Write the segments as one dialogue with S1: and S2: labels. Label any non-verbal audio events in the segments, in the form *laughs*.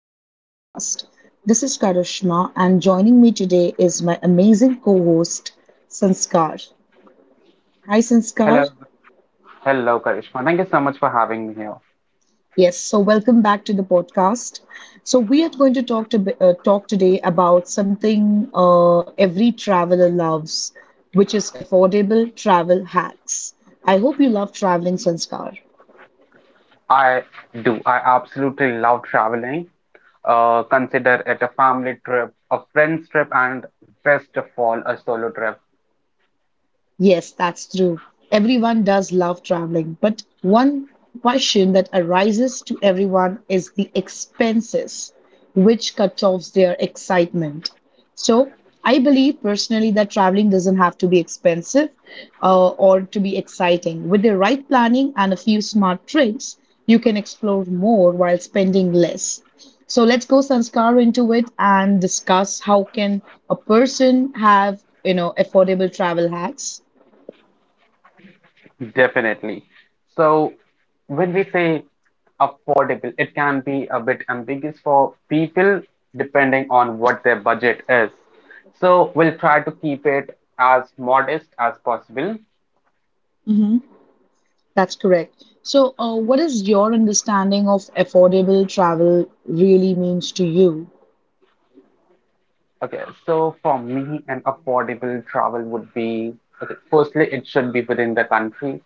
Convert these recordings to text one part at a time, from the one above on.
S1: to our podcast. This is Karishma, and joining me today is my amazing co host, Sanskar. Hi, Sanskar.
S2: Hello, hello, Karishma. Thank you so much for having me here.
S1: Yes, so welcome back to the podcast. So, we are going to talk today about something every traveler loves, which is affordable travel hacks. I hope you love traveling, Sanskar.
S2: I do. I absolutely love traveling. Consider it a family trip, a friends trip, and best of all, a solo trip.
S1: Yes, that's true. Everyone does love traveling, but one question that arises to everyone is the expenses, which cut off their excitement. So, I believe personally that traveling doesn't have to be expensive or to be exciting. With the right planning and a few smart tricks, you can explore more while spending less. So let's go Sanskar into it and discuss how can a person have, affordable travel hacks.
S2: Definitely. So, when we say affordable, it can be a bit ambiguous for people depending on what their budget is. So, we'll try to keep it as modest as possible.
S1: Hmm. That's correct. So, what is your understanding of affordable travel really means to you?
S2: Okay, so for me, an affordable travel would be okay, firstly, it should be within the country.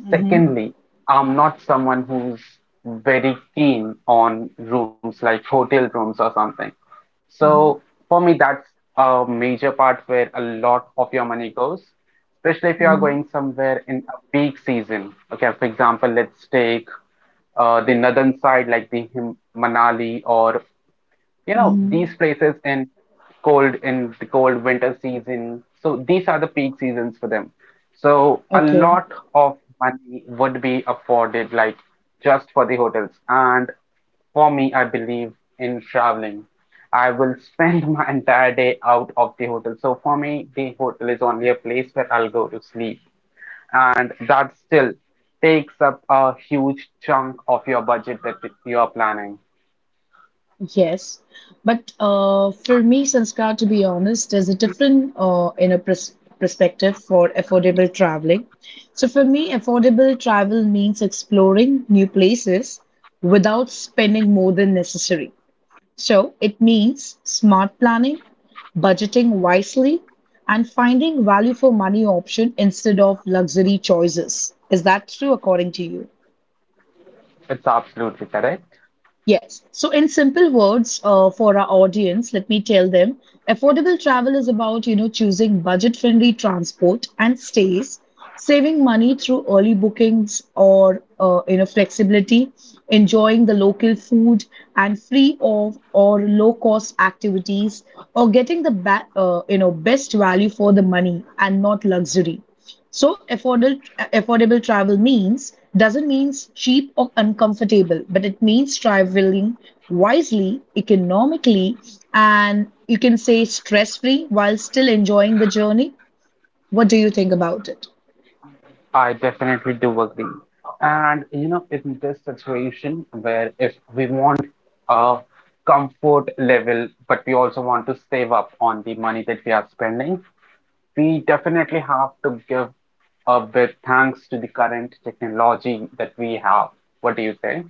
S1: Mm-hmm.
S2: Secondly, I'm not someone who's very keen on rooms like hotel rooms or something.
S1: Mm-hmm.
S2: So for me, that's a major part where a lot of your money goes, especially if you are
S1: Mm-hmm.
S2: going somewhere in a peak season. Okay, for example, let's take the northern side, like the Him Manali or you know
S1: Mm-hmm.
S2: these places in cold in the cold winter season, so these are the peak seasons for them. So a
S1: Okay.
S2: lot of money would be afforded like just for the hotels. And for me, I believe in traveling, I will spend *laughs* my entire day out of the hotel, so for me the hotel is only a place where I'll go to sleep, and that still takes up a huge chunk of your budget that you are planning.
S1: Yes. But for me, Sanskar, to be honest, there's a different in a perspective for affordable traveling. So for me, affordable travel means exploring new places without spending more than necessary. So it means smart planning, budgeting wisely, and finding value for money option instead of luxury choices. Is that true according to you?
S2: It's absolutely correct.
S1: Yes. So, in simple words, for our audience, let me tell them affordable travel is about, choosing budget-friendly transport and stays, saving money through early bookings or flexibility, enjoying the local food and free of or low-cost activities, or getting the best value for the money and not luxury. So affordable travel means doesn't means cheap or uncomfortable, but it means traveling wisely, economically, and you can say stress free while still enjoying the journey. What do you think about it?
S2: I definitely do agree. And you know, in this situation where if we want a comfort level, but we also want to save up on the money that we are spending, we definitely have to give a bit thanks to the current technology that we have. What do you say?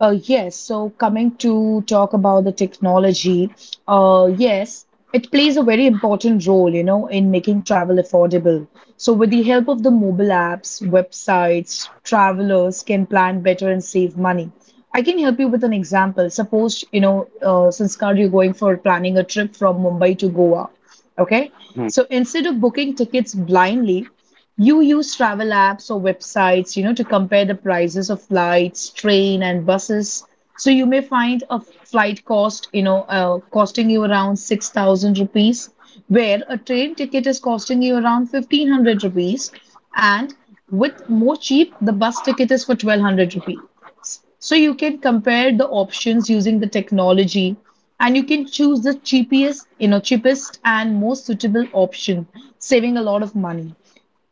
S1: Yes, so coming to talk about the technology, yes, it plays a very important role, in making travel affordable. So, with the help of the mobile apps, websites, travelers can plan better and save money. I can help you with an example. Suppose, Sanskar, you're going for planning a trip from Mumbai to Goa. Okay,
S2: Mhm,
S1: so instead of booking tickets blindly, you use travel apps or websites, to compare the prices of flights, train, and buses. So you may find a flight cost, costing you around 6,000 rupees, where a train ticket is costing you around 1,500 rupees, and with more cheap, the bus ticket is for 1,200 rupees. So you can compare the options using the technology and you can choose the cheapest, cheapest and most suitable option, saving a lot of money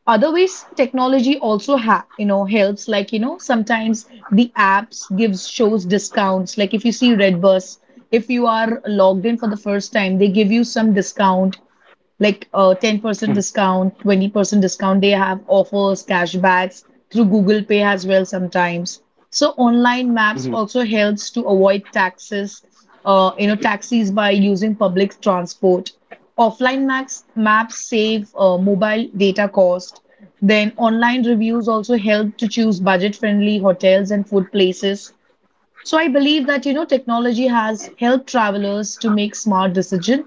S1: other ways technology also helps like sometimes the apps gives shows discounts like if you see redbus if you are logged in for the first time they give you some discount like
S2: mhm,
S1: 10% discount, 20% discount. They have offers, cashbacks through Google Pay as well sometimes. So online
S2: mhm.
S1: maps also helps to avoid taxes, taxis by using public transport. Offline maps save mobile data cost. Then online reviews also help to choose budget-friendly hotels and food places. So I believe that technology has helped travelers to make smart decisions,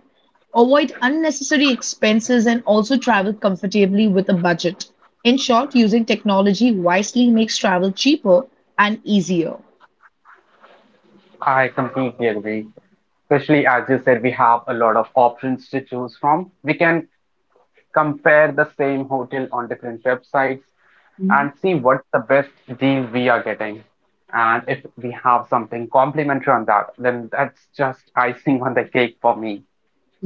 S1: avoid unnecessary expenses, and also travel comfortably with a budget. In short, using technology wisely makes travel cheaper and easier.
S2: I completely agree. Especially as you said, we have a lot of options to choose from. We can compare the same hotel on different websites
S1: Mhm.
S2: and see what's the best deal we are getting. And if we have something complimentary on that, then that's just icing on the cake for me.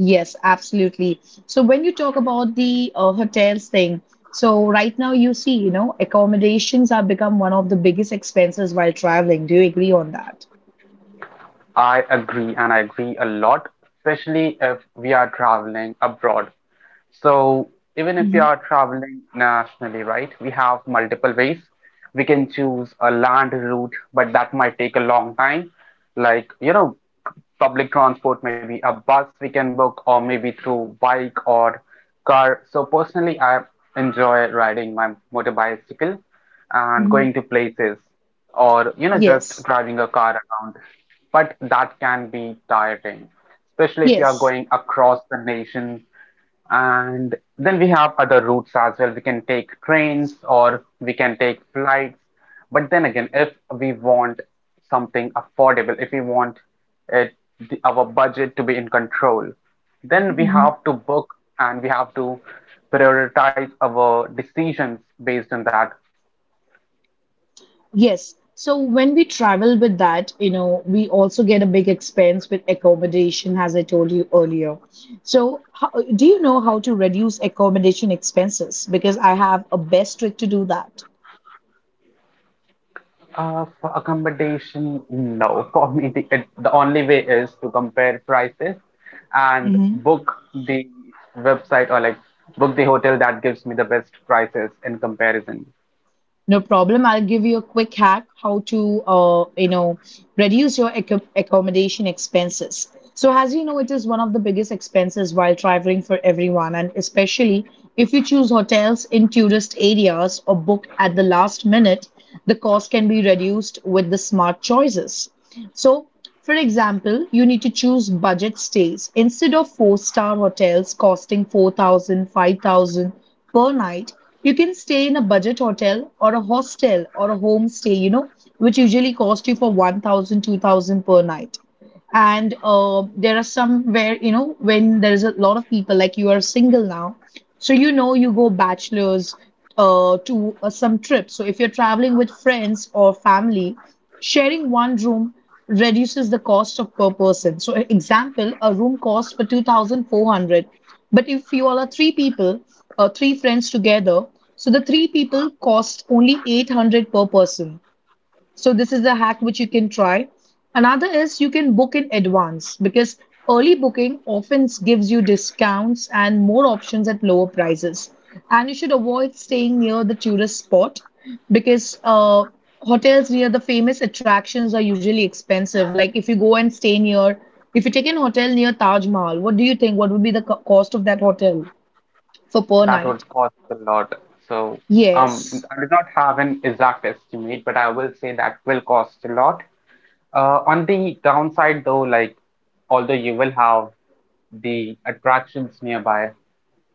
S1: Yes, absolutely. So when you talk about the hotels thing, so right now you see, accommodations have become one of the biggest expenses while traveling. Do you agree on that?
S2: I agree, and I agree a lot, especially if we are traveling abroad. So even if we
S1: Mhm.
S2: are traveling nationally, right, we have multiple ways. We can choose a land route, but that might take a long time. Like, you know, public transport, maybe a bus we can book, or maybe through bike or car. So personally, I enjoy riding my motor bicycle and
S1: Mhm.
S2: going to places, or you know, just
S1: Yes.
S2: driving a car around. But that can be tiring, especially if you are
S1: Yes.
S2: going across the nation. And then we have other routes as well. We can take trains or we can take flights. But then again, if we want something affordable, if we want it, our budget to be in control, then we
S1: Mm-hmm.
S2: have to book and we have to prioritize our decisions based on that.
S1: Yes. So when we travel with that, we also get a big expense with accommodation, as I told you earlier. So how, do you know how to reduce accommodation expenses? Because I have a best trick to do that.
S2: For accommodation, no. For me, the only way is to compare prices and book the website, or like book the hotel that gives me the best prices in comparison.
S1: No problem. I'll give you a quick hack how to, reduce your accommodation expenses. So, as you know, it is one of the biggest expenses while traveling for everyone, and especially if you choose hotels in tourist areas or book at the last minute, the cost can be reduced with the smart choices. So, for example, you need to choose budget stays instead of four-star hotels costing 4,000, 5,000 per night. You can stay in a budget hotel or a hostel or a homestay, which usually cost you for 1,000, 2,000 per night. And there are some where, when there is a lot of people, like you are single now, so you know you go bachelors to some trip. So if you're traveling with friends or family, sharing one room reduces the cost of per person. So example, a room costs for 2,400. But if you all are three people, three friends together, so the three people cost only 800 per person. So this is a hack which you can try. Another is you can book in advance because early booking often gives you discounts and more options at lower prices. And you should avoid staying near the tourist spot because hotels near the famous attractions are usually expensive. Like if you go and stay near, if you take an hotel near Taj Mahal, what do you think? What would be the cost of that hotel for per
S2: That
S1: night?
S2: would cost a lot. So,
S1: Yes,
S2: I do not have an exact estimate, but I will say that will cost a lot. On the downside, though, like although you will have the attractions nearby,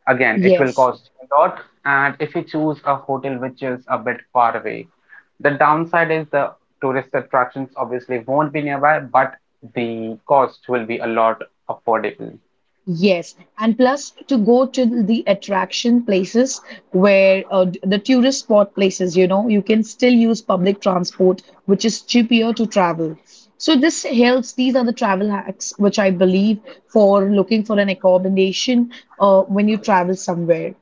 S2: again, it will
S1: yes.
S2: cost you a lot. And if you choose a hotel which is a bit far away, the downside is the tourist attractions obviously won't be nearby, but the cost will be a lot affordable.
S1: Yes, and plus to go to the attraction places where the tourist spot places, you can still use public transport, which is cheaper to travel. So this helps. These are the travel hacks which I believe for looking for an accommodation when you travel somewhere.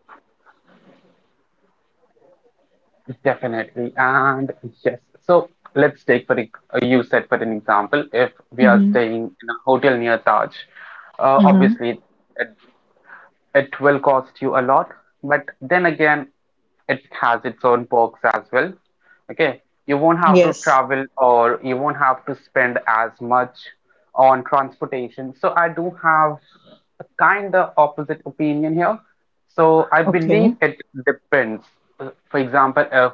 S2: Definitely. And yes, so let's take for you said for an example, if we are
S1: Mm-hmm.
S2: staying in a hotel near Taj,
S1: Mm-hmm.
S2: obviously it will cost you a lot, but then again, it has its own perks as well. Okay, you won't have to
S1: Yes.
S2: travel or you won't have to spend as much on transportation. So I do have a kind of opposite opinion here. So I believe
S1: Okay.
S2: it depends. For example, if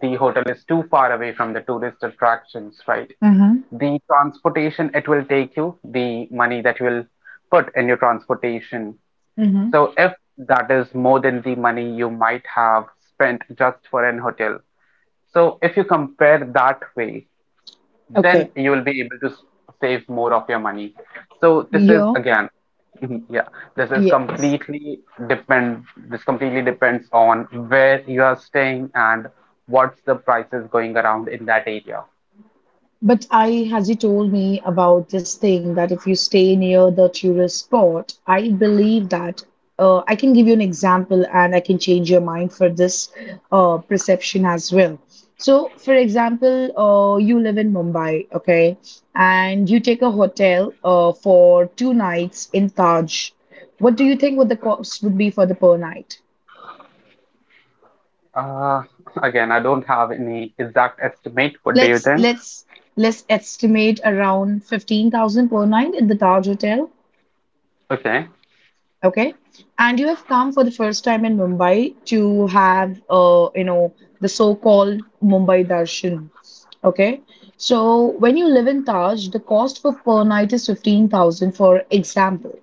S2: the hotel is too far away from the tourist attractions, right?
S1: Mm-hmm.
S2: The transportation it will take you, the money that you will put in your transportation,
S1: Mm-hmm.
S2: so if that is more than the money you might have spent just for an hotel. So if you compare that way,
S1: Okay.
S2: then you will be able to save more of your money. So this is
S1: Yeah.
S2: again, *laughs* mhm, yeah, this is
S1: Yes.
S2: depend, this completely depends on where you are staying and what's the prices going around in that area.
S1: But I, has he told me about this thing that if you stay near the tourist spot, I believe that I can give you an example and I can change your mind for this perception as well. So, for example, you live in Mumbai, okay, and you take a hotel for 2 nights in Taj. What do you think what the cost would be for the per night?
S2: Uh, again, I don't have any exact estimate. What do you
S1: Let's
S2: think?
S1: let's let's estimate around 15,000 per night in the Taj hotel.
S2: Okay.
S1: Okay. And you have come for the first time in Mumbai to have, the so-called Mumbai Darshan. Okay. So when you live in Taj, the cost for per night is 15,000, for example.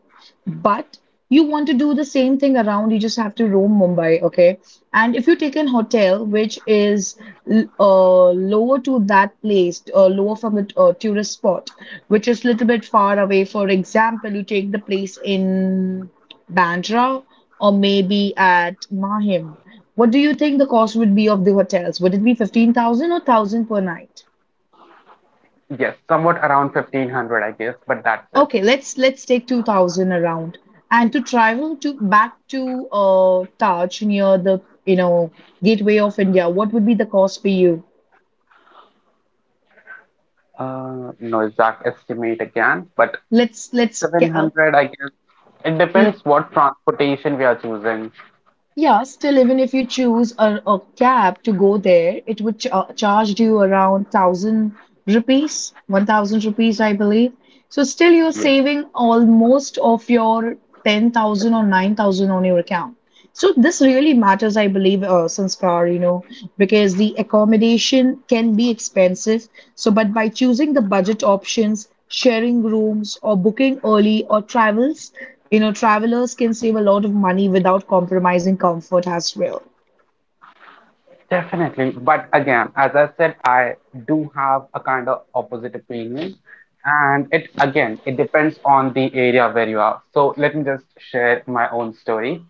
S1: But you want to do the same thing around, you just have to roam Mumbai. Okay. And if you take an hotel which is lower to that place, lower from the tourist spot, which is little bit far away, for example, you take the place in. Bandra or maybe at Mahim. What do you think the cost would be of the hotels? Would it be 15,000 or 1,000 per night?
S2: Yes, somewhat around 1500, I guess, but that's it.
S1: Okay, let's take 2,000 around. And to travel to back to Taj near the gateway of India, what would be the cost for you?
S2: No exact estimate again, but
S1: Let's let's ca- uh,
S2: 700, I guess. It
S1: l-
S2: depends what transportation we are choosing.
S1: Yeah, still, even if you choose a cab to go there, it would ch charge you around 1,000 rupees, 1,000 rupees, I believe. So, still, you're
S2: Yes,
S1: saving almost of your 10,000 or 9,000 on your account. So, this really matters, I believe, Sanskar, because the accommodation can be expensive. So, but by choosing the budget options, sharing rooms or booking early or travels. You know, travelers can save a lot of money without compromising comfort as well.
S2: definitely. But again, as I said, I do have a kind of opposite opinion. And it, again, it depends on the area where you are. So let me just share my own story.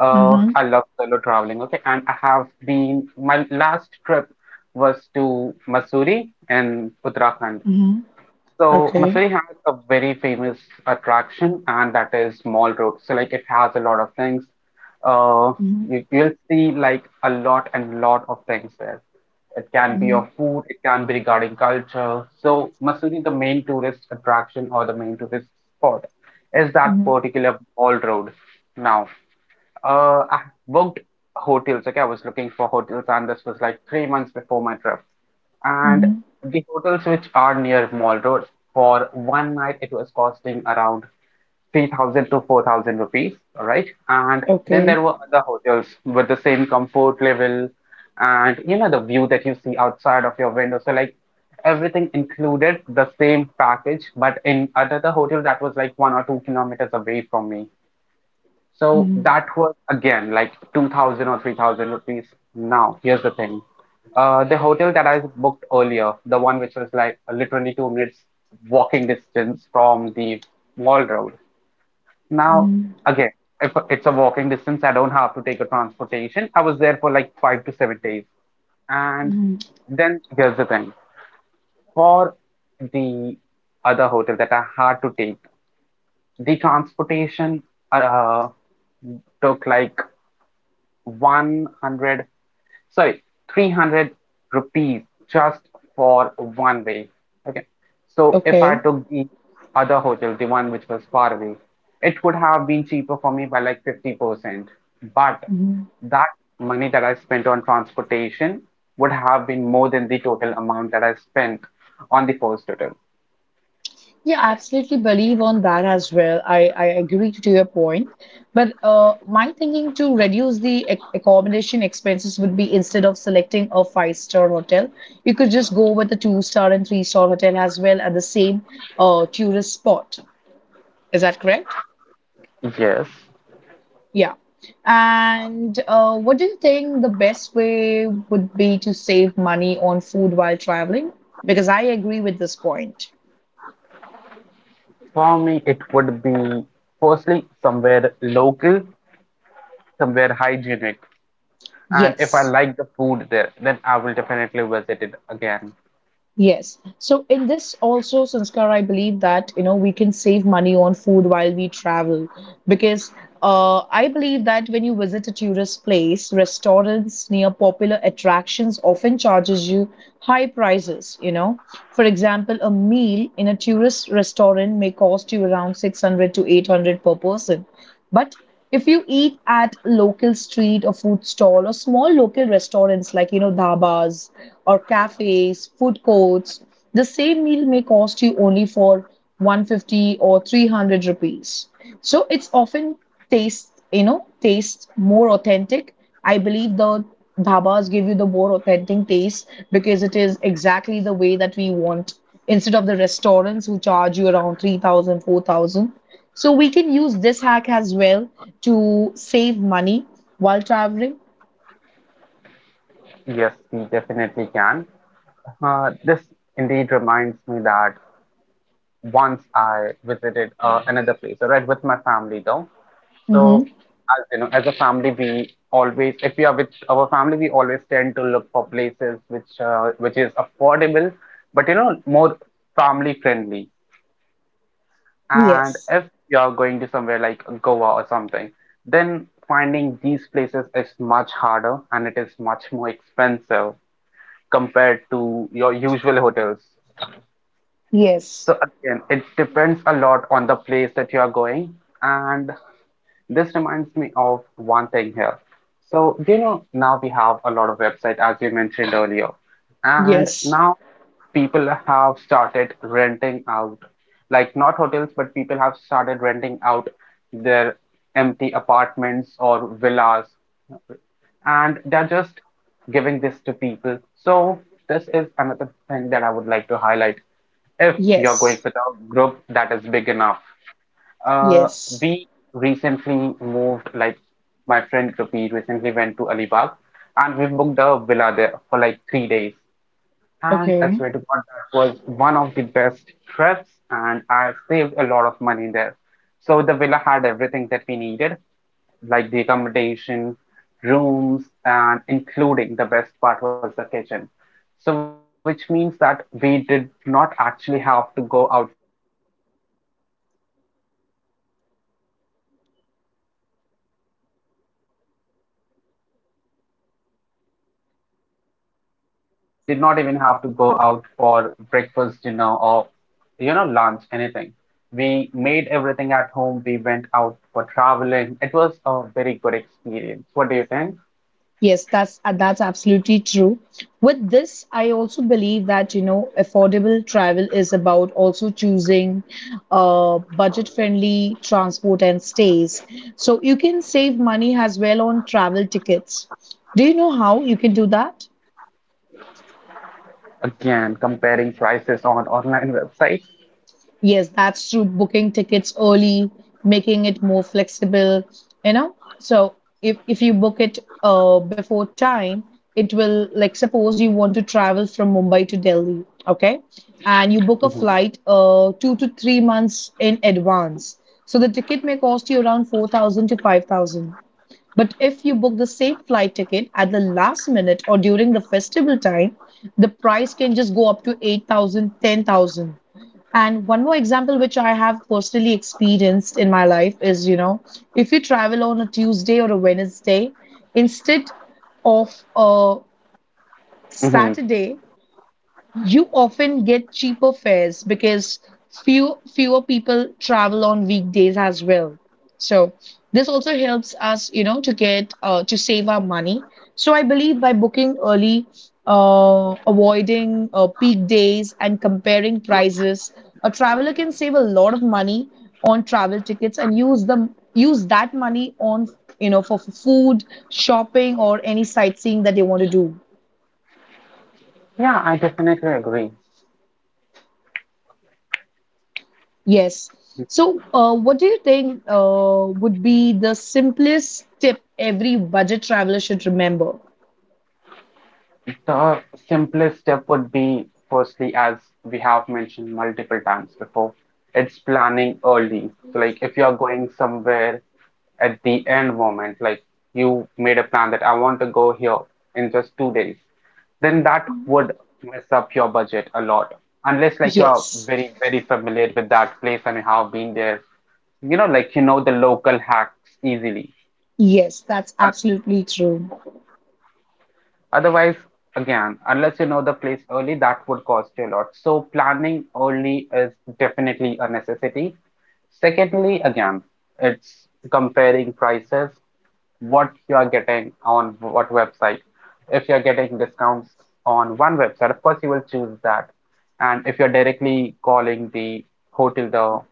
S1: Mm-hmm.
S2: I love solo traveling, okay? And I have been, my last trip was to Mussoorie in Uttarakhand.
S1: Mm-hmm.
S2: So
S1: Okay.
S2: Masuri has a very famous attraction, and that is Mall Road. So like it has a lot of things. Uh,
S1: Mm-hmm.
S2: you, you'll see like a lot and lot of things there. It can be
S1: Mm-hmm.
S2: of food, it can be regarding culture. So Masuri, the main tourist attraction or the main tourist spot is that
S1: Mm-hmm.
S2: particular Mall Road now. I booked hotels. Okay, I was looking for hotels, and this was like 3 months before my trip. And
S1: Mm-hmm.
S2: the hotels which are near Mall Road for one night, it was costing around 3,000 to 4,000 rupees. All right. And then
S1: Okay.
S2: there were other hotels with the same comfort level and you know, the view that you see outside of your window. So, like everything included the same package, but in another hotel that was like 1 or 2 kilometers away from me. So
S1: Mm-hmm.
S2: that was again like 2000 or 3000 rupees. Now, here's the thing. The hotel that I booked earlier, the one which was like literally 2 minutes walking distance from the mall road. Now,
S1: Mm-hmm.
S2: again, if it's a walking distance, I don't have to take a transportation. I was there for like 5 to 7 days. And
S1: Mm-hmm.
S2: then here's the thing. For the other hotel that I had to take, the transportation uh, took like one hundred sorry 300 rupees just for one way. Okay, so if I
S1: Okay.
S2: took the other hotel, the one which was far away, it would have been cheaper for me by like 50%, but
S1: Mm-hmm.
S2: that money that I spent on transportation would have been more than the total amount that I spent on the first hotel.
S1: Yeah, absolutely believe on that as well. I agree to your point. But my thinking to reduce the accommodation expenses would be instead of selecting a five-star hotel, you could just go with a two-star and three-star hotel as well at the same tourist spot. Is that correct?
S2: Yes,
S1: Yeah. And what do you think the best way would be to save money on food while traveling? Because I agree with this point.
S2: for me it would be firstly somewhere local, somewhere hygienic. And if I
S1: Yes.
S2: like the food there, then I will definitely visit it again.
S1: Yes. So in this also, Sanskar, I believe that, we can save money on food while we travel because I believe that when you visit a tourist place, restaurants near popular attractions often charges you high prices, you know. For example, a meal in a tourist restaurant may cost you around 600 to 800 per person. But if you eat at local street or food stall or small local restaurants like dhabas or cafes, food courts, the same meal may cost you only for 150 or 300 rupees. So it's often taste more authentic. I believe the dhabas give you the more authentic taste because it is exactly the way that we want instead of the restaurants who charge you around 3000 4000. So we can use this hack as well to save money while traveling.
S2: Yes, we definitely can. This indeed reminds me that once I visited another place, all right, with my family though. So,
S1: Hmm.
S2: as you know, as a family, we always, if we are with our family, we always tend to look for places which is affordable, but you know, more family friendly. And
S1: Yes.
S2: if you're going to somewhere like Goa or something, then finding these places is much harder and it is much more expensive compared to your usual hotels.
S1: Yes.
S2: So again, it depends a lot on the place that you are going, and this reminds me of one thing here. So, you know, now we have a lot of websites, as we mentioned earlier, and
S1: Yes.
S2: now people have started renting out, like not hotels, but people have started renting out their empty apartments or villas, and they're just giving this to people. So, this is another thing that I would like to highlight. If you're going
S1: Yes.
S2: with a group that is big enough. Uh,
S1: Yes.
S2: we recently moved, like my friend Kapi recently went to Alibag and we booked a villa there for like 3 days. And I
S1: Okay.
S2: swear to God, that was one of the best trips, and I saved a lot of money there. So the villa had everything that we needed, like the accommodation, rooms, and including the best part was the kitchen. So, which means that we did not actually have to go outside every day for breakfast, lunch, and dinner, or even a brunch. Right. So, we did not even have to go out for breakfast, dinner, or you know, lunch, anything. We made everything at home. We went out for traveling. It was a very good experience. What do you think?
S1: Yes, that's absolutely true. With this, I also believe that affordable travel is about also choosing budget-friendly transport and stays. So you can save money as well on travel tickets. Do you know how you can do that?
S2: Again, comparing prices on online websites.
S1: Yes, that's true. Booking tickets early, making it more flexible. So if you book it before time, it will like suppose you want to travel from Mumbai to Delhi, okay? And you book a flight 2 to 3 months in advance. So the ticket may cost you around 4,000 to 5,000. But if you book the same flight ticket at the last minute or during the festival time, the price can just go up to 8,000, 10,000. And one more example, which I have personally experienced in my life, is, if you travel on a Tuesday or a Wednesday, instead of a
S2: Hmm.
S1: Saturday, you often get cheaper fares because fewer people travel on weekdays as well. So this also helps us to save our money. So I believe by booking early, avoiding peak days, and comparing prices, a traveler can save a lot of money on travel tickets and use that money on for food, shopping, or any sightseeing that they want to do.
S2: Yeah, I definitely agree.
S1: Yes. So, what do you think would be the simplest tip every budget traveler should remember?
S2: The simplest step would be, firstly, as we have mentioned multiple times before, it's planning early. So, like, if you're going somewhere at the end moment, like you made a plan that I want to go here in just 2 days, then that would mess up your budget a lot. Unless, like, you are
S1: Yes.
S2: very, very familiar with that place and you have been there, you know, like, you know the local hacks easily.
S1: Yes, that's absolutely true.
S2: Otherwise, again, unless you know the place early, that would cost you a lot. So planning early is definitely a necessity. Secondly, again, it's comparing prices, what you are getting on what website. If you're getting discounts on one website, of course you will choose that. And if you're directly calling the hotel, the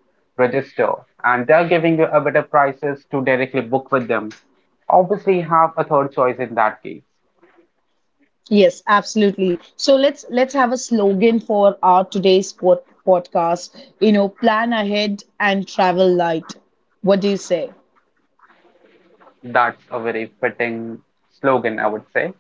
S2: register, and they're giving you a better prices to directly book with them, obviously have a third choice in that case.
S1: Yes, absolutely. So let's have a slogan for our today's podcast. Plan ahead and travel light. What do you say?
S2: That's a very fitting slogan, I would say.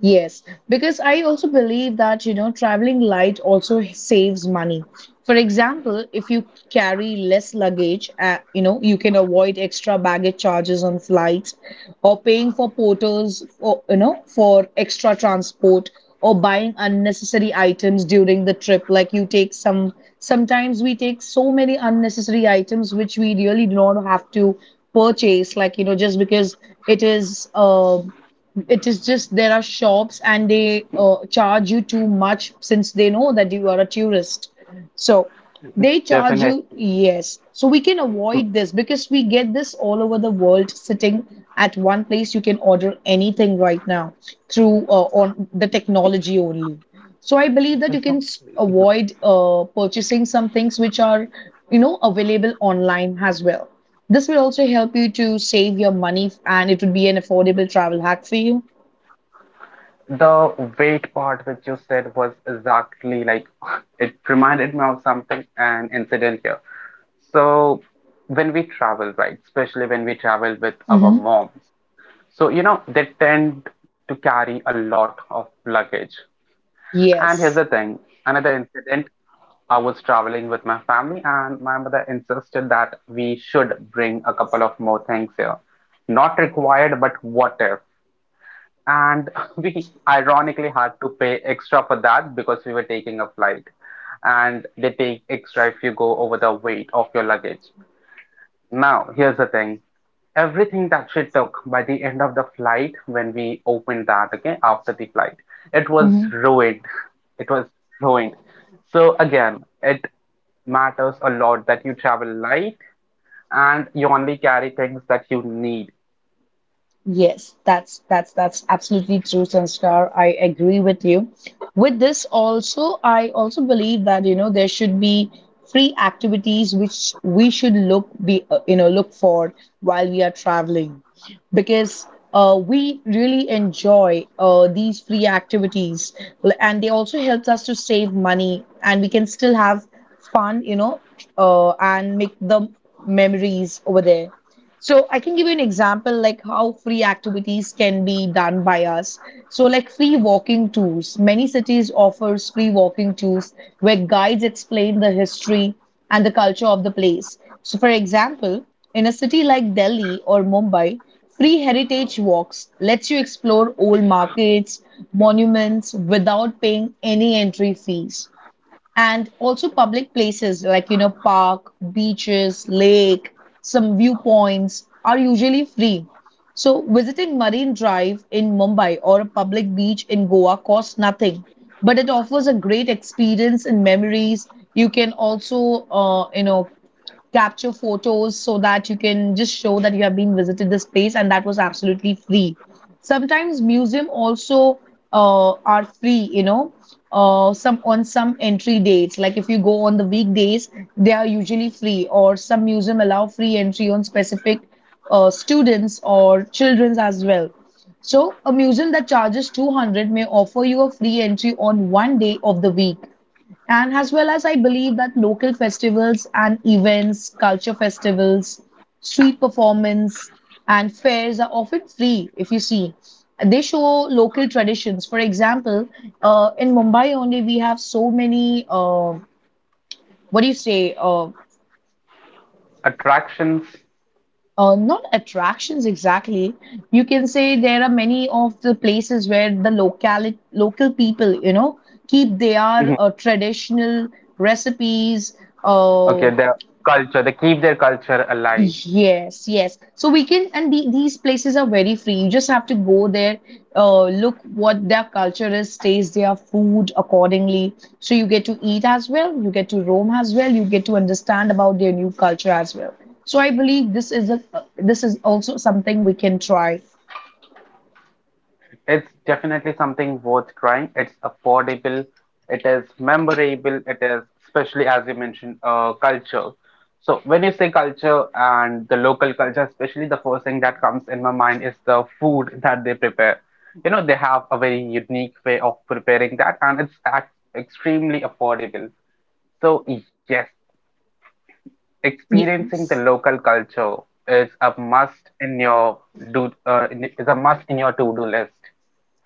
S1: Yes, because I also believe that traveling light also saves money. For example, if you carry less luggage, you can avoid extra baggage charges on flights or paying for porters or for extra transport or buying unnecessary items during the trip. Like Sometimes we take so many unnecessary items which we really do not have to purchase, just because it is, uh, it is just there are shops and they charge you too much since they know that you are a tourist. So they charge
S2: Definitely.
S1: you, yes. So we can avoid this because we get this all over the world sitting at one place. You can order anything right now through on the technology only. So I believe that you can
S2: Exactly.
S1: avoid purchasing some things which are available online as well. This will also help you to save your money and it would be an affordable travel hack for you.
S2: The weight part which you said was exactly like *laughs* it reminded me of something, an incident here. So when we travel, right, especially when we travel with our
S1: Hmm.
S2: moms, so you know they tend to carry a lot of luggage. And here's
S1: Yes.
S2: the thing, another incident, I was traveling with my family, and my mother insisted that we should bring a couple of more things here. Not required, but what if? And *laughs* we ironically had to pay extra for that because we were taking a flight, and they take extra if you go over the weight of your luggage. Now, here's the thing, everything that she took by the end of the flight when we opened that, okay, after the flight, it was ruined it was ruined. So again, it matters a lot that you travel light and you only carry things that you need.
S1: Yes, that's absolutely true, Sanskar. I agree with you. With this also, I also believe that there should be free activities which we should look be you know look for while we are traveling, because we really enjoy these free activities and they also helps us to save money and we can still have fun, and make the memories over there. So I can give you an example like how free activities can be done by us. So, like free walking tours. Many cities offers free walking tours where guides explain the history and the culture of the place. So for example, in a city like Delhi or Mumbai, free heritage walks lets you explore old markets, monuments without paying any entry fees. And also public places like park, beaches, lake, some viewpoints are usually free. So visiting Marine Drive in Mumbai or a public beach in Goa costs nothing, but it offers a great experience and memories. You can also capture photos so that you can just show that you have been visited this place and that was absolutely free. Sometimes museum also are free. Some on some entry dates, like if you go on the weekdays, they are usually free. Or some museum allow free entry on specific students or children's as well. So a museum that charges 200 may offer you a free entry on one day of the week. And as well as I believe that local festivals and events, culture festivals, street performance, and fairs are often free if you see. They show local traditions. For example, in Mumbai only, we have so many, what do you say, uh,
S2: Attractions.
S1: uh, not attractions exactly. You can say there are many of the places where the local people keep their
S2: Mhm,
S1: traditional recipes,
S2: okay,
S1: uh,
S2: their culture, they keep their culture alive.
S1: Yes, yes. So we can, and the, these places are very free. You just have to go there, look what their culture is, taste their food accordingly. So you get to eat as well, you get to roam as well, you get to understand about their new culture as well. So I believe this is also something we can try.
S2: It's definitely something worth trying. It's affordable, it is memorable, it is, especially as you mentioned, culture. So when you say culture and the local culture, especially the first thing that comes in my mind is the food that they prepare. You know, they have a very unique way of preparing that, and it's extremely affordable. So yes, experiencing the
S1: Yes.
S2: local culture is a must in your is a must in your to-do list.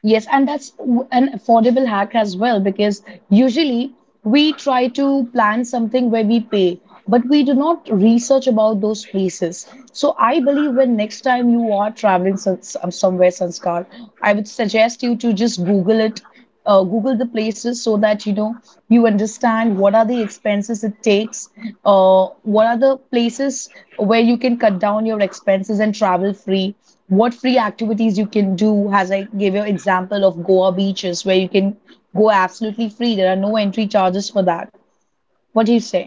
S1: Yes, and that's an affordable hack as well because usually we try to plan something where we pay, but we do not research about those places. So I believe when next time you are traveling somewhere, Sanskar, I would suggest you to just Google it, Google the places so that you understand what are the expenses it takes, what are the places where you can cut down your expenses and travel free, what free activities you can do. As I gave you example of Goa beaches where you can go absolutely free. There are no entry charges for that. What do you say?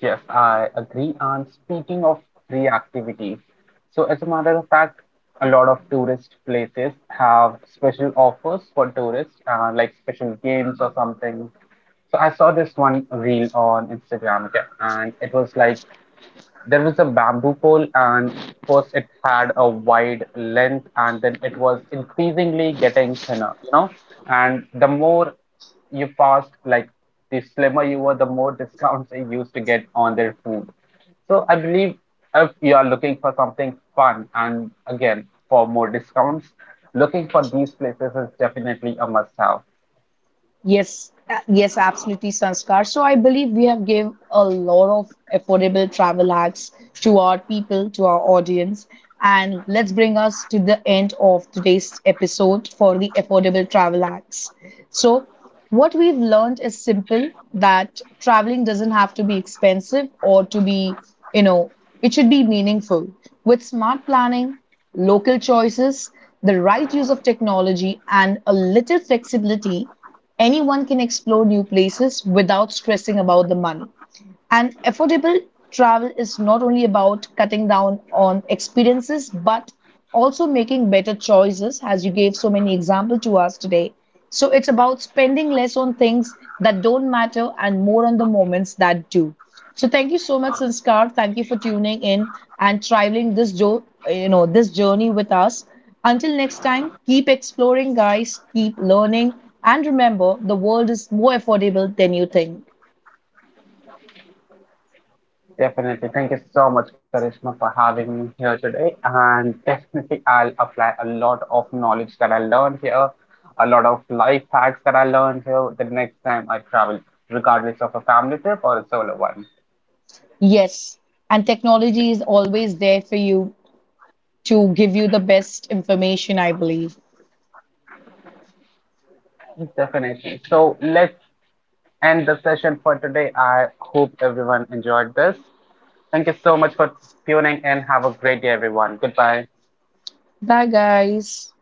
S2: Yes, I agree. And speaking of free activities, so as a matter of fact, a lot of tourist places have special offers for tourists, like special games or something. So I saw this one reel on Instagram, okay, and it was like there was a bamboo pole, and first it had a wide length, and then it was increasingly getting thinner, you know. And the more you passed, like the slimmer you were, the more *laughs* discounts they used to get on their food. So I believe if you are looking for something fun and again for more discounts, looking for these places is definitely a must have.
S1: Yes, yes, absolutely, Sanskar. So I believe we have gave a lot of affordable travel hacks to our people, to our audience. And let's bring us to the end of today's episode for the affordable travel hacks. So what we've learned is simple, that traveling doesn't have to be expensive or to be, you know, it should be meaningful. With smart planning, local choices, the right use of technology, and a little flexibility, anyone can explore new places without stressing about the money. And affordable travel is not only about cutting down on experiences, but also making better choices, as you gave so many examples to us today. So it's about spending less on things that don't matter and more on the moments that do. So thank you so much, Sanskar. Thank you for tuning in and traveling this this journey with us. Until next time, keep exploring, guys. Keep learning, and remember, the world is more affordable than you think.
S2: Definitely. Thank you so much, Karishma, for having me here today. And definitely, I'll apply a lot of knowledge that I learned here, a lot of life hacks that I learned here the next time I travel, regardless of a family trip or a solo one.
S1: Yes, and technology is always there for you to give you the best information, I believe.
S2: Definitely. So let's end the session for today. I hope everyone enjoyed this. Thank you so much for tuning in. Have a great day, everyone. Goodbye.
S1: Bye, guys.